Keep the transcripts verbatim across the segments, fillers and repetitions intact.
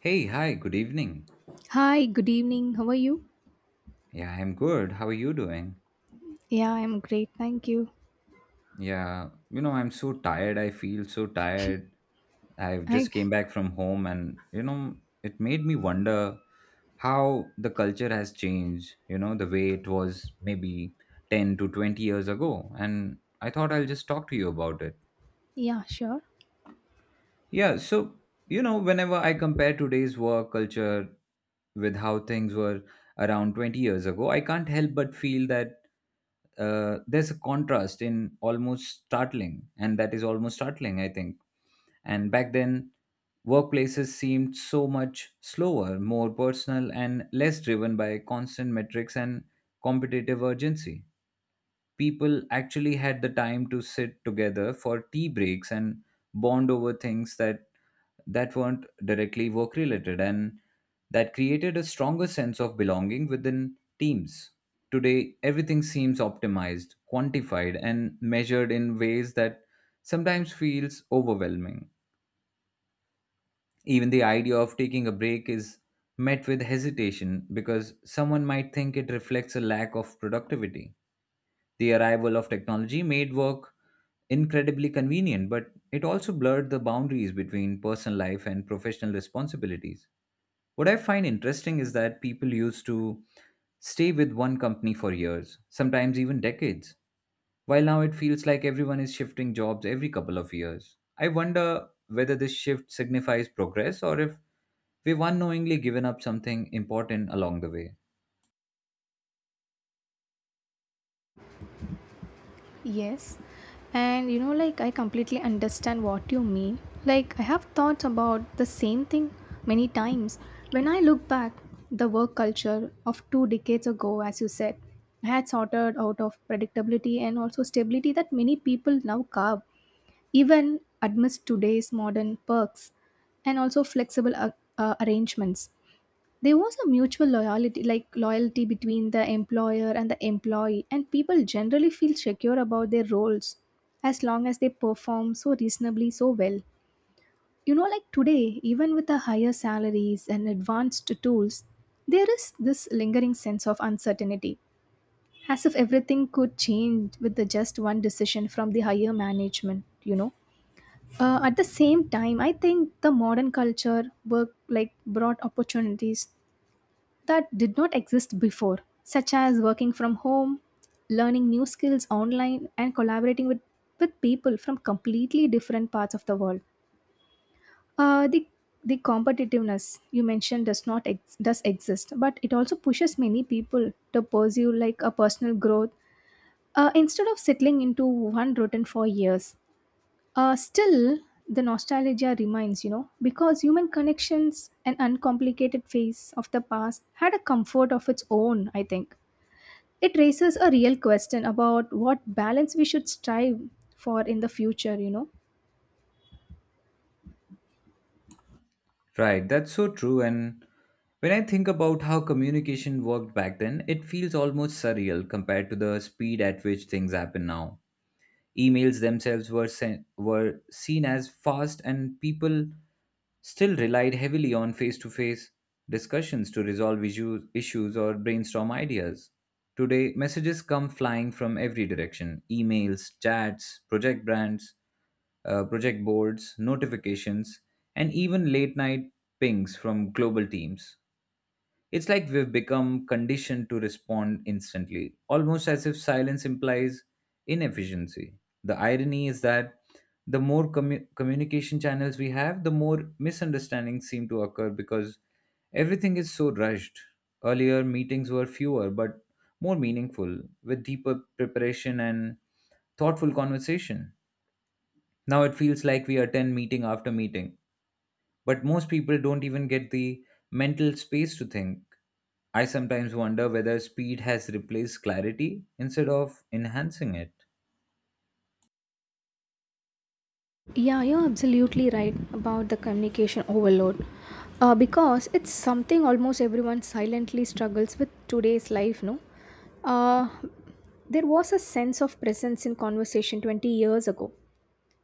Hey, hi, good evening. Hi, good evening. How are you? Yeah, I'm good. How are you doing? Yeah, I'm great. Thank you. Yeah, you know, I'm so tired. I feel so tired. I've I just came back from home and, you know, it made me wonder how the culture has changed, you know, the way it was maybe ten to twenty years ago. And I thought I'll just talk to you about it. Yeah, sure. Yeah, so, you know, whenever I compare today's work culture with how things were around twenty years ago, I can't help but feel that uh, there's a contrast in almost startling, and that is almost startling, I think. And back then, workplaces seemed so much slower, more personal, and less driven by constant metrics and competitive urgency. People actually had the time to sit together for tea breaks and bond over things that that weren't directly work related, and that created a stronger sense of belonging within teams. Today, everything seems optimized, quantified, and measured in ways that sometimes feels overwhelming. Even the idea of taking a break is met with hesitation because someone might think it reflects a lack of productivity. The arrival of technology made work incredibly convenient, but it also blurred the boundaries between personal life and professional responsibilities. What I find interesting is that people used to stay with one company for years, sometimes even decades, while now it feels like everyone is shifting jobs every couple of years. I wonder whether this shift signifies progress, or if we've unknowingly given up something important along the way. Yes. And you know like I completely understand what you mean. Like I have thoughts about the same thing many times. When I look back, the work culture of two decades ago as you said had sorted out of predictability and also stability that many people now carve even amidst today's modern perks and also flexible uh, uh, arrangements. There was a mutual loyalty like loyalty between the employer and the employee, and people generally feel secure about their roles as long as they perform so reasonably so well. You know, like today, even with the higher salaries and advanced tools, there is this lingering sense of uncertainty, as if everything could change with the just one decision from the higher management, you know. Uh, at the same time, I think the modern culture work like brought opportunities that did not exist before, such as working from home, learning new skills online, and collaborating with, with people from completely different parts of the world. Uh, the the competitiveness you mentioned does not ex- does exist, but it also pushes many people to pursue like a personal growth, uh, instead of settling into one routine for years. Uh, still, the nostalgia remains, you know, because human connections and uncomplicated phase of the past had a comfort of its own, I think. It raises a real question about what balance we should strive for in the future, you know. Right, that's so true. And when I think about how communication worked back then, it feels almost surreal compared to the speed at which things happen now. Emails themselves were sent, were seen as fast, and people still relied heavily on face-to-face discussions to resolve issues, issues or brainstorm ideas. Today, messages come flying from every direction: emails, chats, project brands, uh, project boards, notifications, and even late-night pings from global teams. It's like we've become conditioned to respond instantly, almost as if silence implies inefficiency. The irony is that the more commu- communication channels we have, the more misunderstandings seem to occur because everything is so rushed. Earlier, meetings were fewer but more meaningful, with deeper preparation and thoughtful conversation. Now it feels like we attend meeting after meeting, but most people don't even get the mental space to think. I sometimes wonder whether speed has replaced clarity instead of enhancing it. Yeah, you're absolutely right about the communication overload. Uh, because it's something almost everyone silently struggles with today's life, no? Uh, there was a sense of presence in conversation twenty years ago.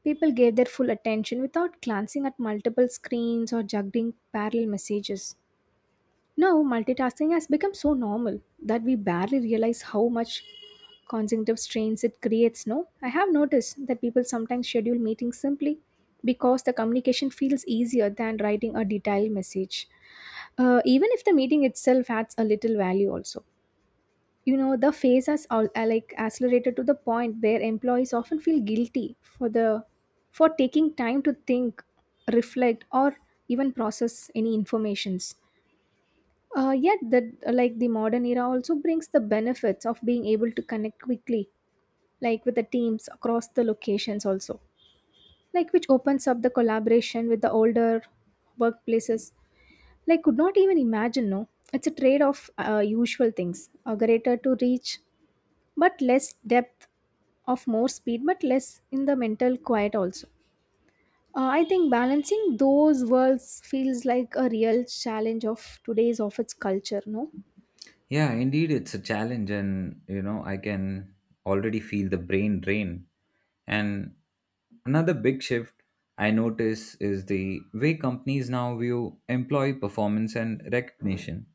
People gave their full attention without glancing at multiple screens or juggling parallel messages. Now, multitasking has become so normal that we barely realize how much cognitive strains it creates. No, I have noticed that people sometimes schedule meetings simply because the communication feels easier than writing a detailed message, uh, even if the meeting itself adds a little value also. You know, the phase has all uh, like accelerated to the point where employees often feel guilty for the for taking time to think, reflect, or even process any informations. Uh, yet that uh, like the modern era also brings the benefits of being able to connect quickly, like with the teams across the locations also, like which opens up the collaboration with the older workplaces like could not even imagine. No, it's a trade of uh, usual things, a greater to reach but less depth, of more speed but less in the mental quiet also. Uh, I think balancing those worlds feels like a real challenge of today's of its culture, no? Yeah, indeed, it's a challenge, and you know, I can already feel the brain drain. And another big shift I notice is the way companies now view employee performance and recognition.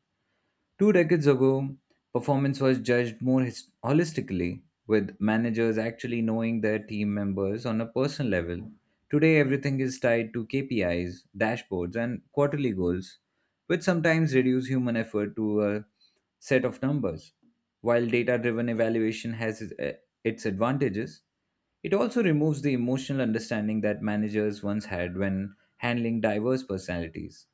Two decades ago, performance was judged more his- holistically, with managers actually knowing their team members on a personal level. Today, everything is tied to K P Is, dashboards, and quarterly goals, which sometimes reduce human effort to a set of numbers. While data driven evaluation has its eh, its advantages, it also removes the emotional understanding that managers once had when handling diverse personalities.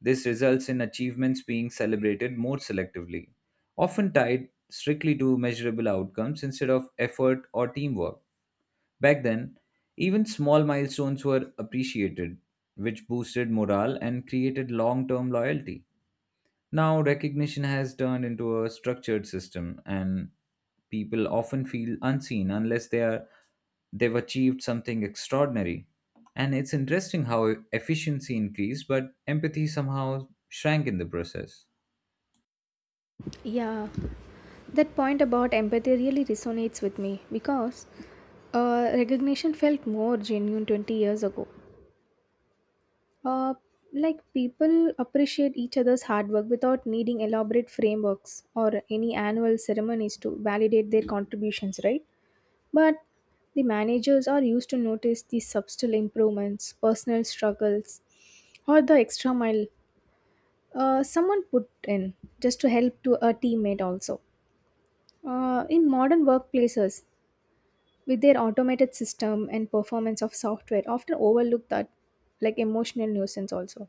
This results in achievements being celebrated more selectively, often tied strictly to measurable outcomes instead of effort or teamwork. Back then, even small milestones were appreciated, which boosted morale and created long term loyalty. Now, recognition has turned into a structured system, and people often feel unseen unless they are they've achieved something extraordinary. And it's interesting how efficiency increased, but empathy somehow shrank in the process. Yeah, that point about empathy really resonates with me because uh, recognition felt more genuine twenty years ago. uh, like people appreciate each other's hard work without needing elaborate frameworks or any annual ceremonies to validate their contributions, right? But the managers are used to notice the subtle improvements, personal struggles, or the extra mile uh, someone put in just to help to a teammate also. Uh, in modern workplaces, with their automated system and performance of software, often overlook that like emotional nuisance also.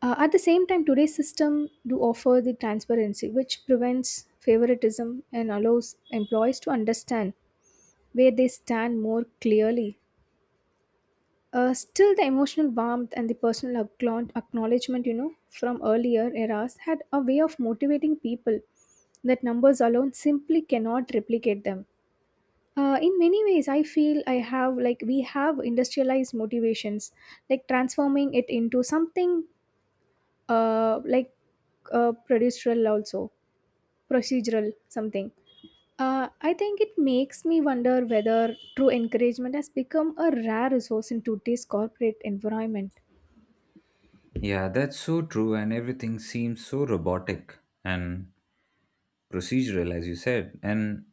Uh, at the same time, today's system do offer the transparency, which prevents favoritism and allows employees to understand where they stand more clearly. Uh, still, the emotional warmth and the personal acknowl- acknowledgement, you know, from earlier eras had a way of motivating people that numbers alone simply cannot replicate them. Uh, in many ways, I feel I have like we have industrialized motivations, like transforming it into something uh, like uh, procedural also, procedural something. Uh, I think it makes me wonder whether true encouragement has become a rare resource in today's corporate environment. Yeah, that's so true, and everything seems so robotic and procedural, as you said. And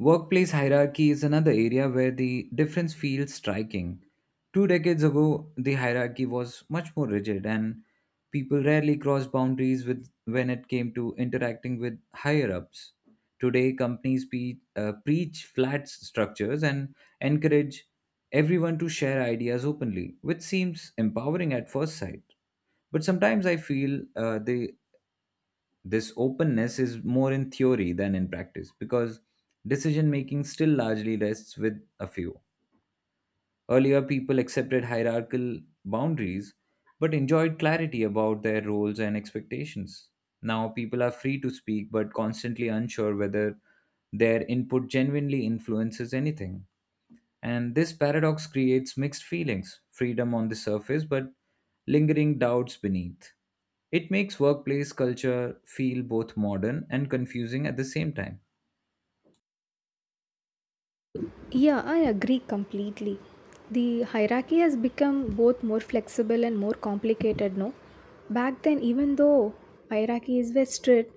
workplace hierarchy is another area where the difference feels striking. Two decades ago, the hierarchy was much more rigid, and people rarely crossed boundaries with, when it came to interacting with higher ups. Today, companies pe- uh, preach flat s- structures and encourage everyone to share ideas openly, which seems empowering at first sight. But sometimes I feel uh, they this openness is more in theory than in practice, because decision making still largely rests with a few. Earlier, people accepted hierarchical boundaries but enjoyed clarity about their roles and expectations. Now, people are free to speak but constantly unsure whether their input genuinely influences anything. And this paradox creates mixed feelings: freedom on the surface, but lingering doubts beneath. It makes workplace culture feel both modern and confusing at the same time. Yeah, I agree completely. The hierarchy has become both more flexible and more complicated, no? Back then, even though hierarchies were strict,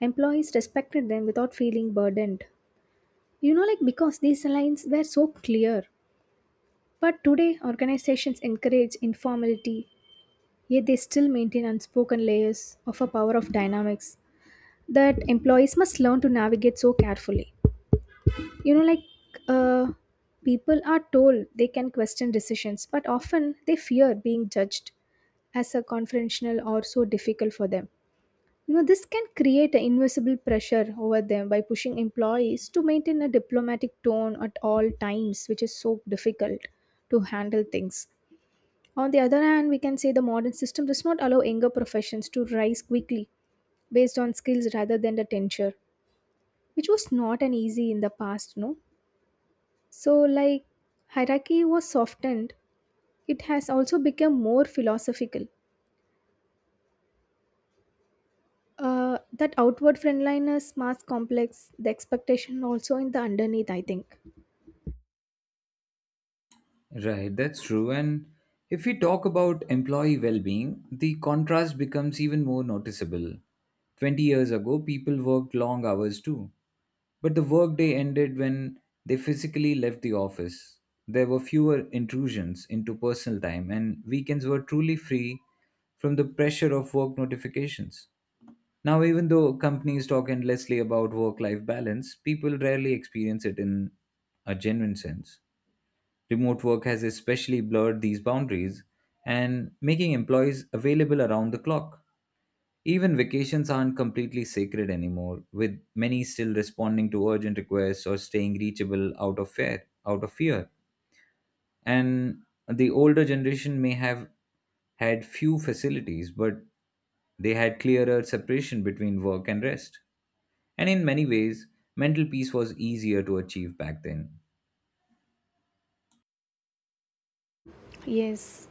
employees respected them without feeling burdened. You know, like because these lines were so clear. But today, organizations encourage informality, yet they still maintain unspoken layers of a power of dynamics that employees must learn to navigate so carefully. You know, like uh, people are told they can question decisions, but often they fear being judged as a confrontational or so difficult for them, you know. This can create an invisible pressure over them by pushing employees to maintain a diplomatic tone at all times, which is so difficult to handle things. On the other hand, we can say the modern system does not allow younger professions to rise quickly based on skills rather than the tenure, which was not an easy in the past, no. So, like hierarchy was softened, it has also become more philosophical. Uh, that outward friendliness mask complex, the expectation also in the underneath, I think. Right, that's true. And if we talk about employee well being, the contrast becomes even more noticeable. twenty years ago, people worked long hours too, but the workday ended when they physically left the office. There were fewer intrusions into personal time, and weekends were truly free from the pressure of work notifications. Now, even though companies talk endlessly about work life balance, people rarely experience it in a genuine sense. Remote work has especially blurred these boundaries and making employees available around the clock. Even vacations aren't completely sacred anymore, with many still responding to urgent requests or staying reachable out of fear, out of fear. And the older generation may have had few facilities, but they had clearer separation between work and rest. And in many ways, mental peace was easier to achieve back then. Yes,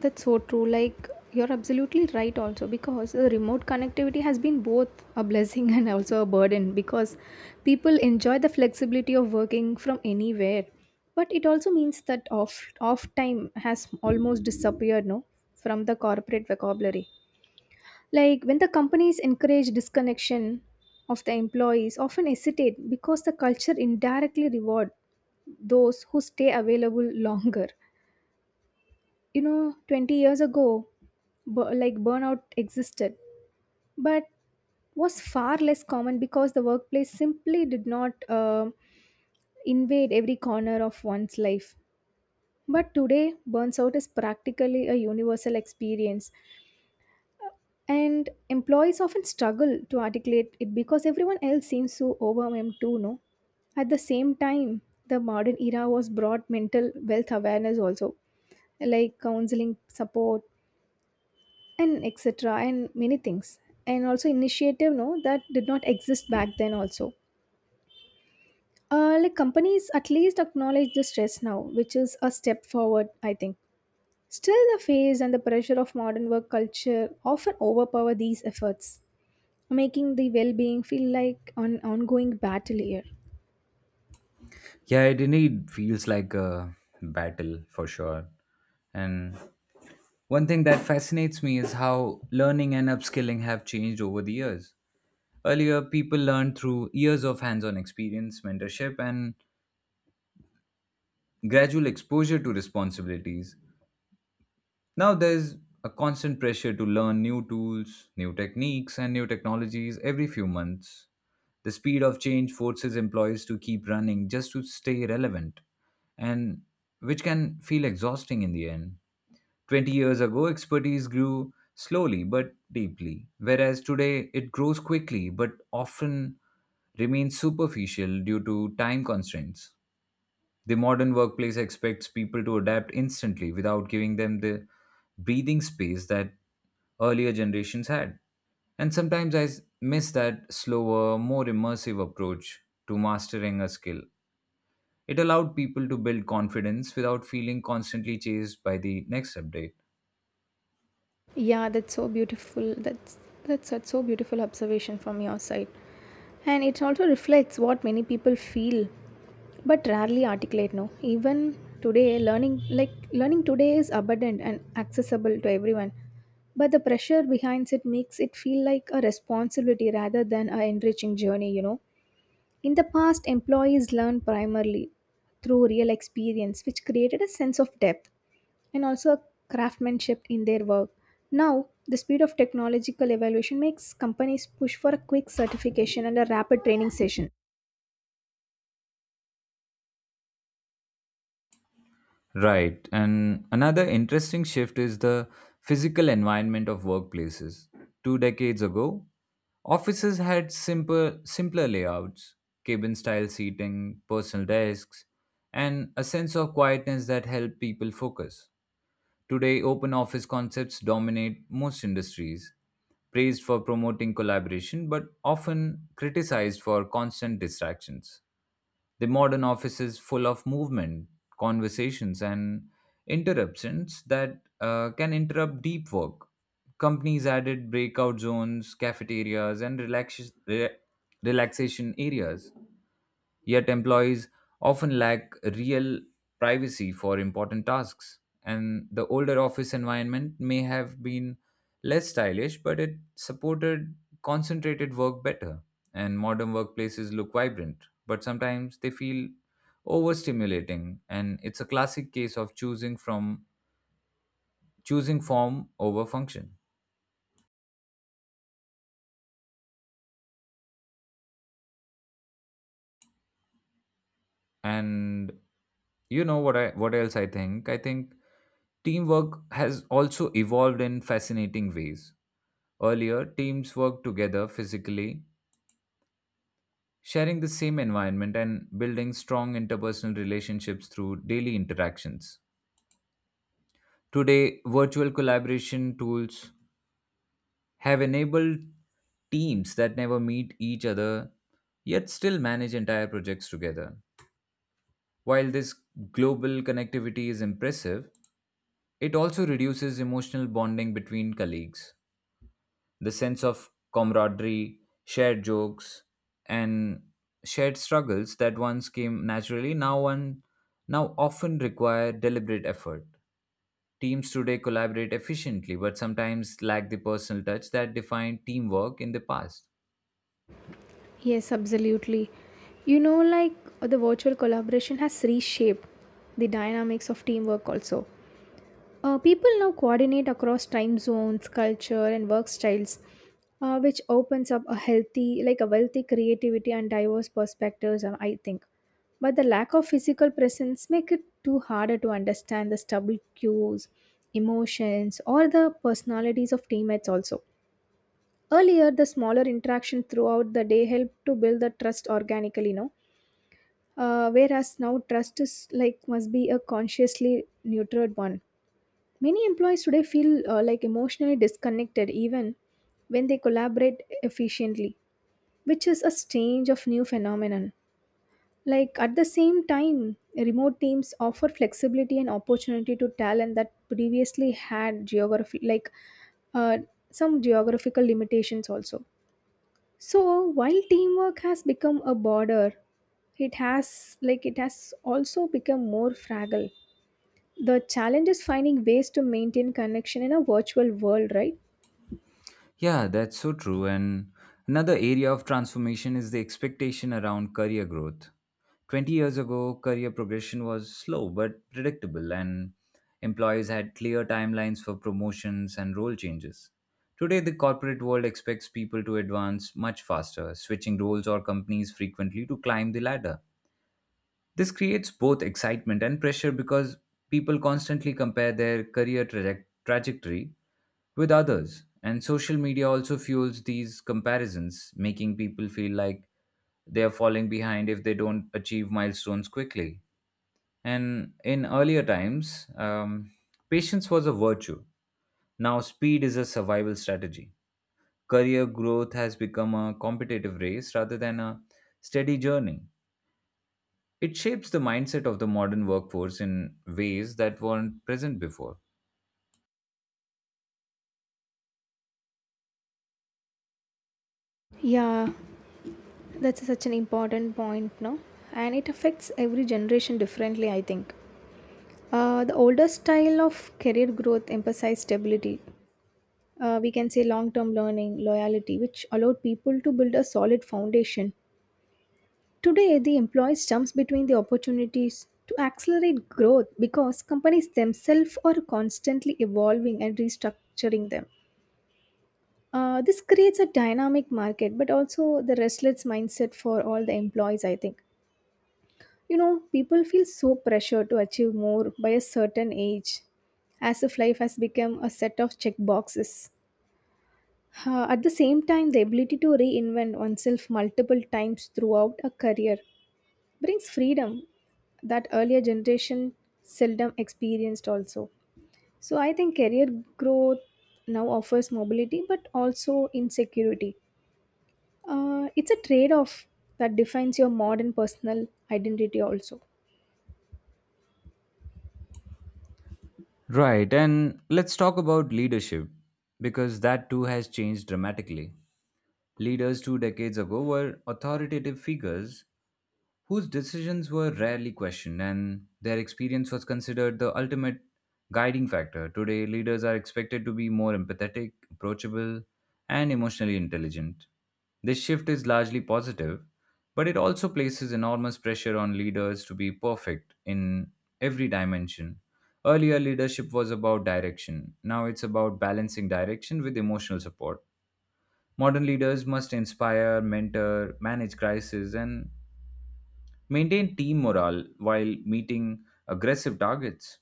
that's so true. Like, you're absolutely right, also, because the remote connectivity has been both a blessing and also a burden, because people enjoy the flexibility of working from anywhere. But it also means that off, off time has almost disappeared, no, from the corporate vocabulary. Like when the companies encourage disconnection of the employees, often hesitate because the culture indirectly reward those who stay available longer. You know, twenty years ago, bu- like burnout existed, but was far less common because the workplace simply did not uh, invade every corner of one's life. But today, burns out is practically a universal experience, and employees often struggle to articulate it because everyone else seems so overwhelmed too, no? At the same time, the modern era was brought mental wealth awareness also, like counseling support and et cetera and many things. And also initiative, no, that did not exist back then also. Uh, like companies at least acknowledge the stress now, which is a step forward, I think. Still, the phase and the pressure of modern work culture often overpower these efforts, making the well-being feel like an ongoing battle here. Yeah, it indeed feels like a battle for sure. And one thing that fascinates me is how learning and upskilling have changed over the years. Earlier, people learned through years of hands on experience, mentorship, and gradual exposure to responsibilities. Now, there's a constant pressure to learn new tools, new techniques, and new technologies every few months. The speed of change forces employees to keep running just to stay relevant, and which can feel exhausting in the end. twenty years ago, expertise grew slowly but deeply, whereas today it grows quickly but often remains superficial due to time constraints. The modern workplace expects people to adapt instantly without giving them the breathing space that earlier generations had. And sometimes I s- miss that slower, more immersive approach to mastering a skill. It allowed people to build confidence without feeling constantly chased by the next update. yeah that's so beautiful that's that's such so beautiful observation from your side, and it also reflects what many people feel but rarely articulate, no. Even today, learning like learning today is abundant and accessible to everyone, but the pressure behind it makes it feel like a responsibility rather than a enriching journey, you know. In the past, employees learned primarily through real experience, which created a sense of depth and also a craftsmanship in their work. Now, the speed of technological evaluation makes companies push for a quick certification and a rapid training session. Right. And another interesting shift is the physical environment of workplaces. Two decades ago, offices had simple, simpler layouts, cabin style seating, personal desks, and a sense of quietness that helped people focus. Today, open office concepts dominate most industries, praised for promoting collaboration but often criticized for constant distractions. The modern office is full of movement, conversations, and interruptions that uh, can interrupt deep work. Companies added breakout zones, cafeterias, and relax- re- relaxation areas. Yet, employees often lack real privacy for important tasks. And the older office environment may have been less stylish, but it supported concentrated work better. And modern workplaces look vibrant, but sometimes they feel overstimulating. And it's a classic case of choosing from choosing form over function. And you know what I what else I think? I think teamwork has also evolved in fascinating ways. Earlier, teams worked together physically, sharing the same environment and building strong interpersonal relationships through daily interactions. Today, virtual collaboration tools have enabled teams that never meet each other yet still manage entire projects together. While this global connectivity is impressive, it also reduces emotional bonding between colleagues. The sense of camaraderie, shared jokes, and shared struggles that once came naturally now one now often require deliberate effort. Teams today collaborate efficiently, but sometimes lack the personal touch that defined teamwork in the past. Yes, absolutely. You know, like the virtual collaboration has reshaped the dynamics of teamwork also. Uh, people now coordinate across time zones, culture, and work styles, uh, which opens up a healthy, like a wealthy creativity and diverse perspectives. Um, I think, but the lack of physical presence make it too harder to understand the stubble cues, emotions, or the personalities of teammates. Also, earlier the smaller interaction throughout the day helped to build the trust organically. No, uh, whereas now trust is like must be a consciously nurtured one. Many employees today feel uh, like emotionally disconnected even when they collaborate efficiently, which is a strange of new phenomenon. Like at the same time, remote teams offer flexibility and opportunity to talent that previously had geography like uh, some geographical limitations also. So while teamwork has become a border, it has like it has also become more fragile. The challenge is finding ways to maintain connection in a virtual world, right? Yeah, that's so true. And another area of transformation is the expectation around career growth. twenty years ago, career progression was slow but predictable, and employees had clear timelines for promotions and role changes. Today, the corporate world expects people to advance much faster, switching roles or companies frequently to climb the ladder. This creates both excitement and pressure because people constantly compare their career traje- trajectory with others. And social media also fuels these comparisons, making people feel like they are falling behind if they don't achieve milestones quickly. And in earlier times, um, patience was a virtue. Now, speed is a survival strategy. Career growth has become a competitive race rather than a steady journey. It shapes the mindset of the modern workforce in ways that weren't present before. Yeah, that's such an important point, no? And it affects every generation differently, I think. Uh, the older style of career growth emphasized stability. Uh, we can say long term learning, loyalty, which allowed people to build a solid foundation. Today, the employees jumps between the opportunities to accelerate growth because companies themselves are constantly evolving and restructuring them. Uh, this creates a dynamic market, but also the restless mindset for all the employees, I think. You know, people feel so pressured to achieve more by a certain age, as if life has become a set of check boxes. Uh, at the same time, the ability to reinvent oneself multiple times throughout a career brings freedom that earlier generation seldom experienced also. So I think career growth now offers mobility but also insecurity. Uh, it's a trade off that defines your modern personal identity, also. Right, and let's talk about leadership, because that too has changed dramatically. Leaders two decades ago were authoritative figures whose decisions were rarely questioned, and their experience was considered the ultimate guiding factor. Today, leaders are expected to be more empathetic, approachable, and emotionally intelligent. This shift is largely positive, but it also places enormous pressure on leaders to be perfect in every dimension. Earlier, leadership was about direction. Now it's about balancing direction with emotional support. Modern leaders must inspire, mentor, manage crises, and maintain team morale while meeting aggressive targets.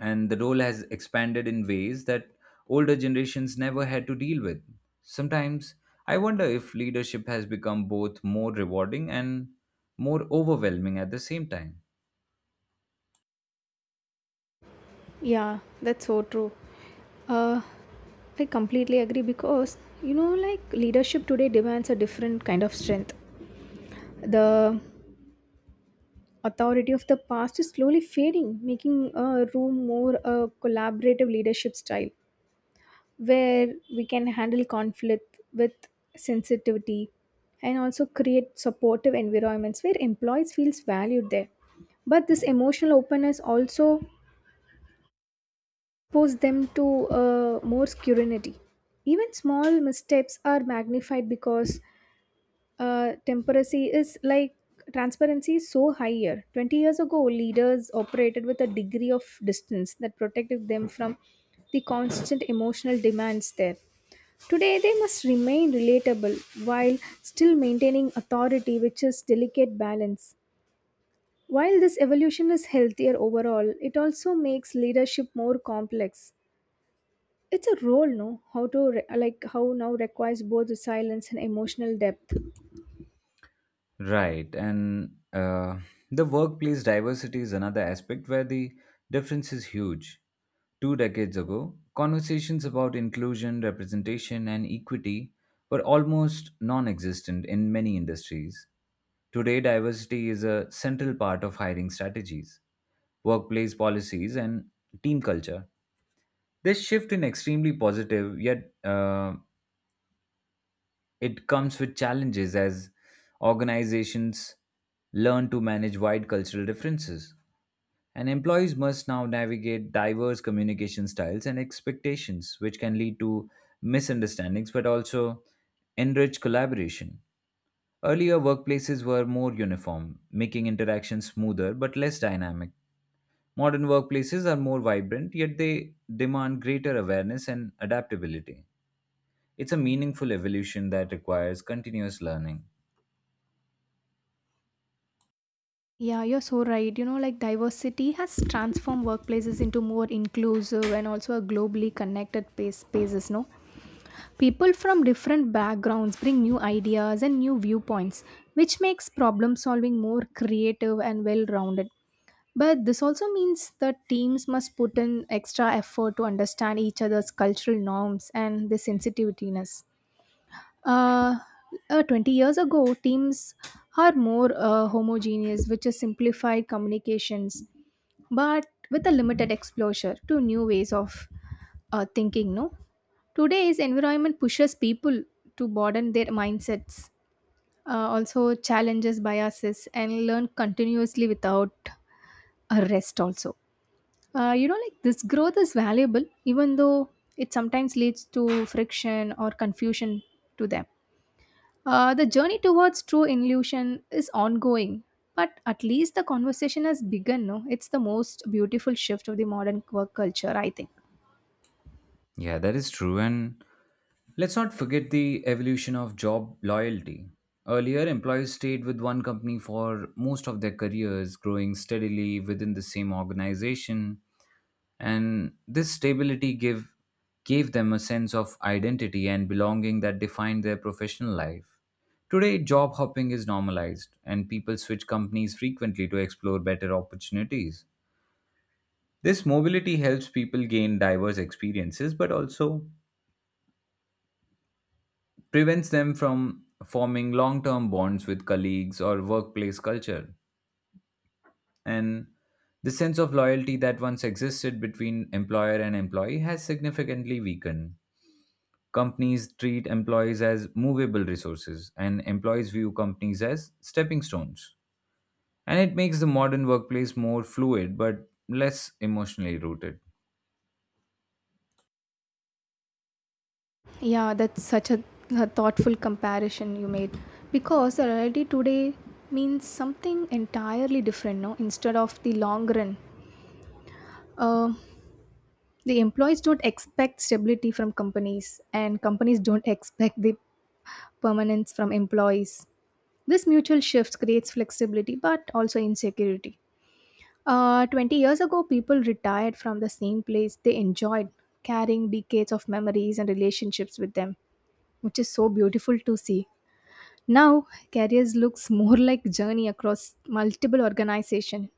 And the role has expanded in ways that older generations never had to deal with. Sometimes I wonder if leadership has become both more rewarding and more overwhelming at the same time. Yeah, that's so true. Uh, I completely agree because, you know, like leadership today demands a different kind of strength. The authority of the past is slowly fading, making uh, room more a collaborative leadership style, where we can handle conflict with sensitivity and also create supportive environments where employees feels valued there. But this emotional openness also exposes them to uh, more scrutiny. Even small missteps are magnified because uh, temperacy is like transparency is so higher. twenty years ago, leaders operated with a degree of distance that protected them from the constant emotional demands there. Today, they must remain relatable while still maintaining authority, which is delicate balance. While this evolution is healthier overall, it also makes leadership more complex. It's a role, no? How to re- like how now requires both silence and emotional depth. Right, and uh, the workplace diversity is another aspect where the difference is huge. Two decades ago, conversations about inclusion, representation, and equity were almost non existent in many industries. Today, diversity is a central part of hiring strategies, workplace policies, and team culture. This shift is extremely positive, yet uh, it comes with challenges as organizations learn to manage wide cultural differences, and employees must now navigate diverse communication styles and expectations, which can lead to misunderstandings but also enrich collaboration. Earlier, workplaces were more uniform, making interactions smoother but less dynamic. Modern workplaces are more vibrant, yet they demand greater awareness and adaptability. It's a meaningful evolution that requires continuous learning. Yeah, you're so right. You know, like diversity has transformed workplaces into more inclusive and also a globally connected pa- spaces, no? People from different backgrounds bring new ideas and new viewpoints, which makes problem solving more creative and well rounded. But this also means that teams must put in extra effort to understand each other's cultural norms and their sensitiveness. Uh, uh, twenty years ago, teams are more uh, homogeneous, which is simplified communications, but with a limited exposure to new ways of uh, thinking, no? Today's environment pushes people to broaden their mindsets, uh, also challenges biases, and learn continuously without a rest. Also, uh, you know, like this growth is valuable, even though it sometimes leads to friction or confusion to them. Uh, the journey towards true illusion is ongoing, but at least the conversation has begun. No, it's the most beautiful shift of the modern work culture, I think. Yeah, that is true. And let's not forget the evolution of job loyalty. Earlier, employees stayed with one company for most of their careers, growing steadily within the same organization. And this stability give, gave them a sense of identity and belonging that defined their professional life. Today, job hopping is normalized, and people switch companies frequently to explore better opportunities. This mobility helps people gain diverse experiences, but also prevents them from forming long term bonds with colleagues or workplace culture. And the sense of loyalty that once existed between employer and employee has significantly weakened. Companies treat employees as movable resources, and employees view companies as stepping stones. And it makes the modern workplace more fluid but less emotionally rooted. Yeah, that's such a, a thoughtful comparison you made because the reality today means something entirely different, no? Instead of the long run, uh, the employees don't expect stability from companies, and companies don't expect the permanence from employees. This mutual shift creates flexibility but also insecurity. Uh, twenty years ago, people retired from the same place they enjoyed, carrying decades of memories and relationships with them, which is so beautiful to see. Now, careers looks more like journey across multiple organization,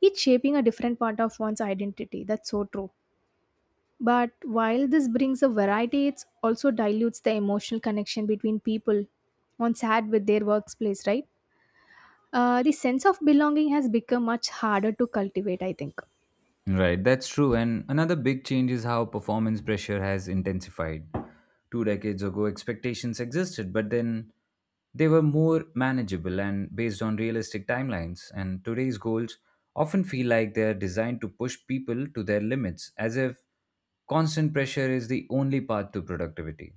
each shaping a different part of one's identity. That's so true. But while this brings a variety, it also dilutes the emotional connection between people once had with their workplace, right? Uh, the sense of belonging has become much harder to cultivate, I think. Right, that's true. And another big change is how performance pressure has intensified. Two decades ago, expectations existed, but then they were more manageable and based on realistic timelines. And today's goals often feel like they are designed to push people to their limits, as if constant pressure is the only path to productivity.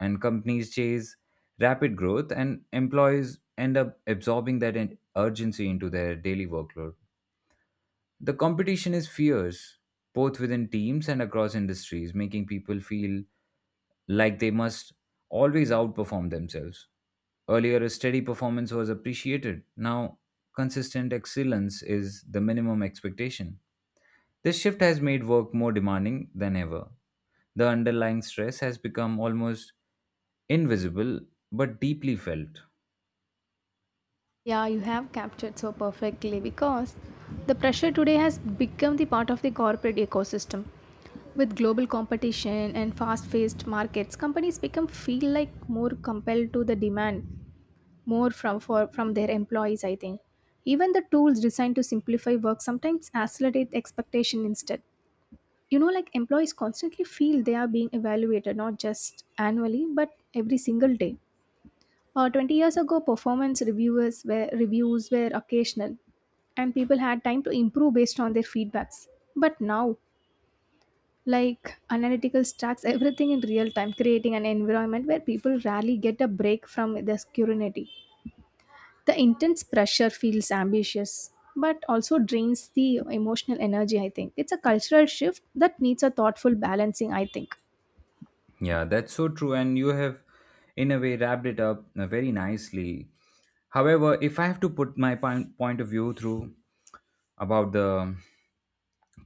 And companies chase rapid growth, and employees end up absorbing that in- urgency into their daily workload. The competition is fierce, both within teams and across industries, making people feel like they must always outperform themselves. Earlier, a steady performance was appreciated. Now, consistent excellence is the minimum expectation. This shift has made work more demanding than ever. The underlying stress has become almost invisible but deeply felt. Yeah, you have captured so perfectly because the pressure today has become the part of the corporate ecosystem. With global competition and fast-paced markets, companies become feel like more compelled to the demand more from for from their employees, I think. Even the tools designed to simplify work sometimes accelerate expectation instead. You know, like employees constantly feel they are being evaluated not just annually but every single day. Uh, twenty years ago, performance reviewers were, reviews were occasional and people had time to improve based on their feedbacks. But now, like analytical stacks everything in real time, creating an environment where people rarely get a break from the scrutiny. The intense pressure feels ambitious, but also drains the emotional energy, I think. It's a cultural shift that needs a thoughtful balancing, I think. Yeah, that's so true. And you have, in a way, wrapped it up uh, very nicely. However, if I have to put my point, point of view through about the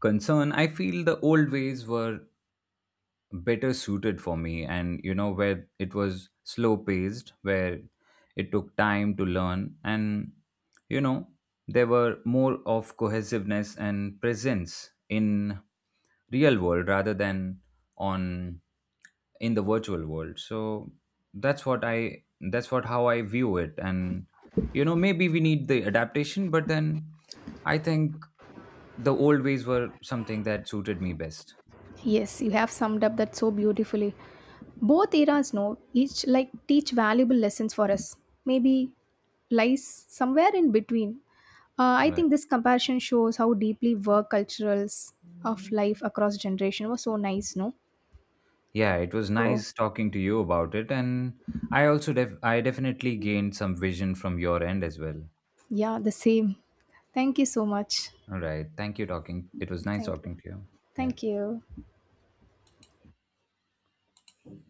concern, I feel the old ways were better suited for me, and you know where it was slow paced, where it took time to learn, and you know there were more of cohesiveness and presence in real world rather than on in the virtual world. So that's what i that's what how i view it, and you know maybe we need the adaptation, but then i think the old ways were something that suited me best. Yes, you have summed up that so beautifully. Both eras know each like teach valuable lessons for us. Maybe lies somewhere in between. Uh, I think this comparison shows how deeply work culturals of life across generation was so nice, no? Yeah, it was So nice talking to you about it, and I also def- I definitely gained some vision from your end as well. yeah, the same. Thank you so much. All right, thank you talking. It was nice Thank you. talking to you. Yeah. Thank you.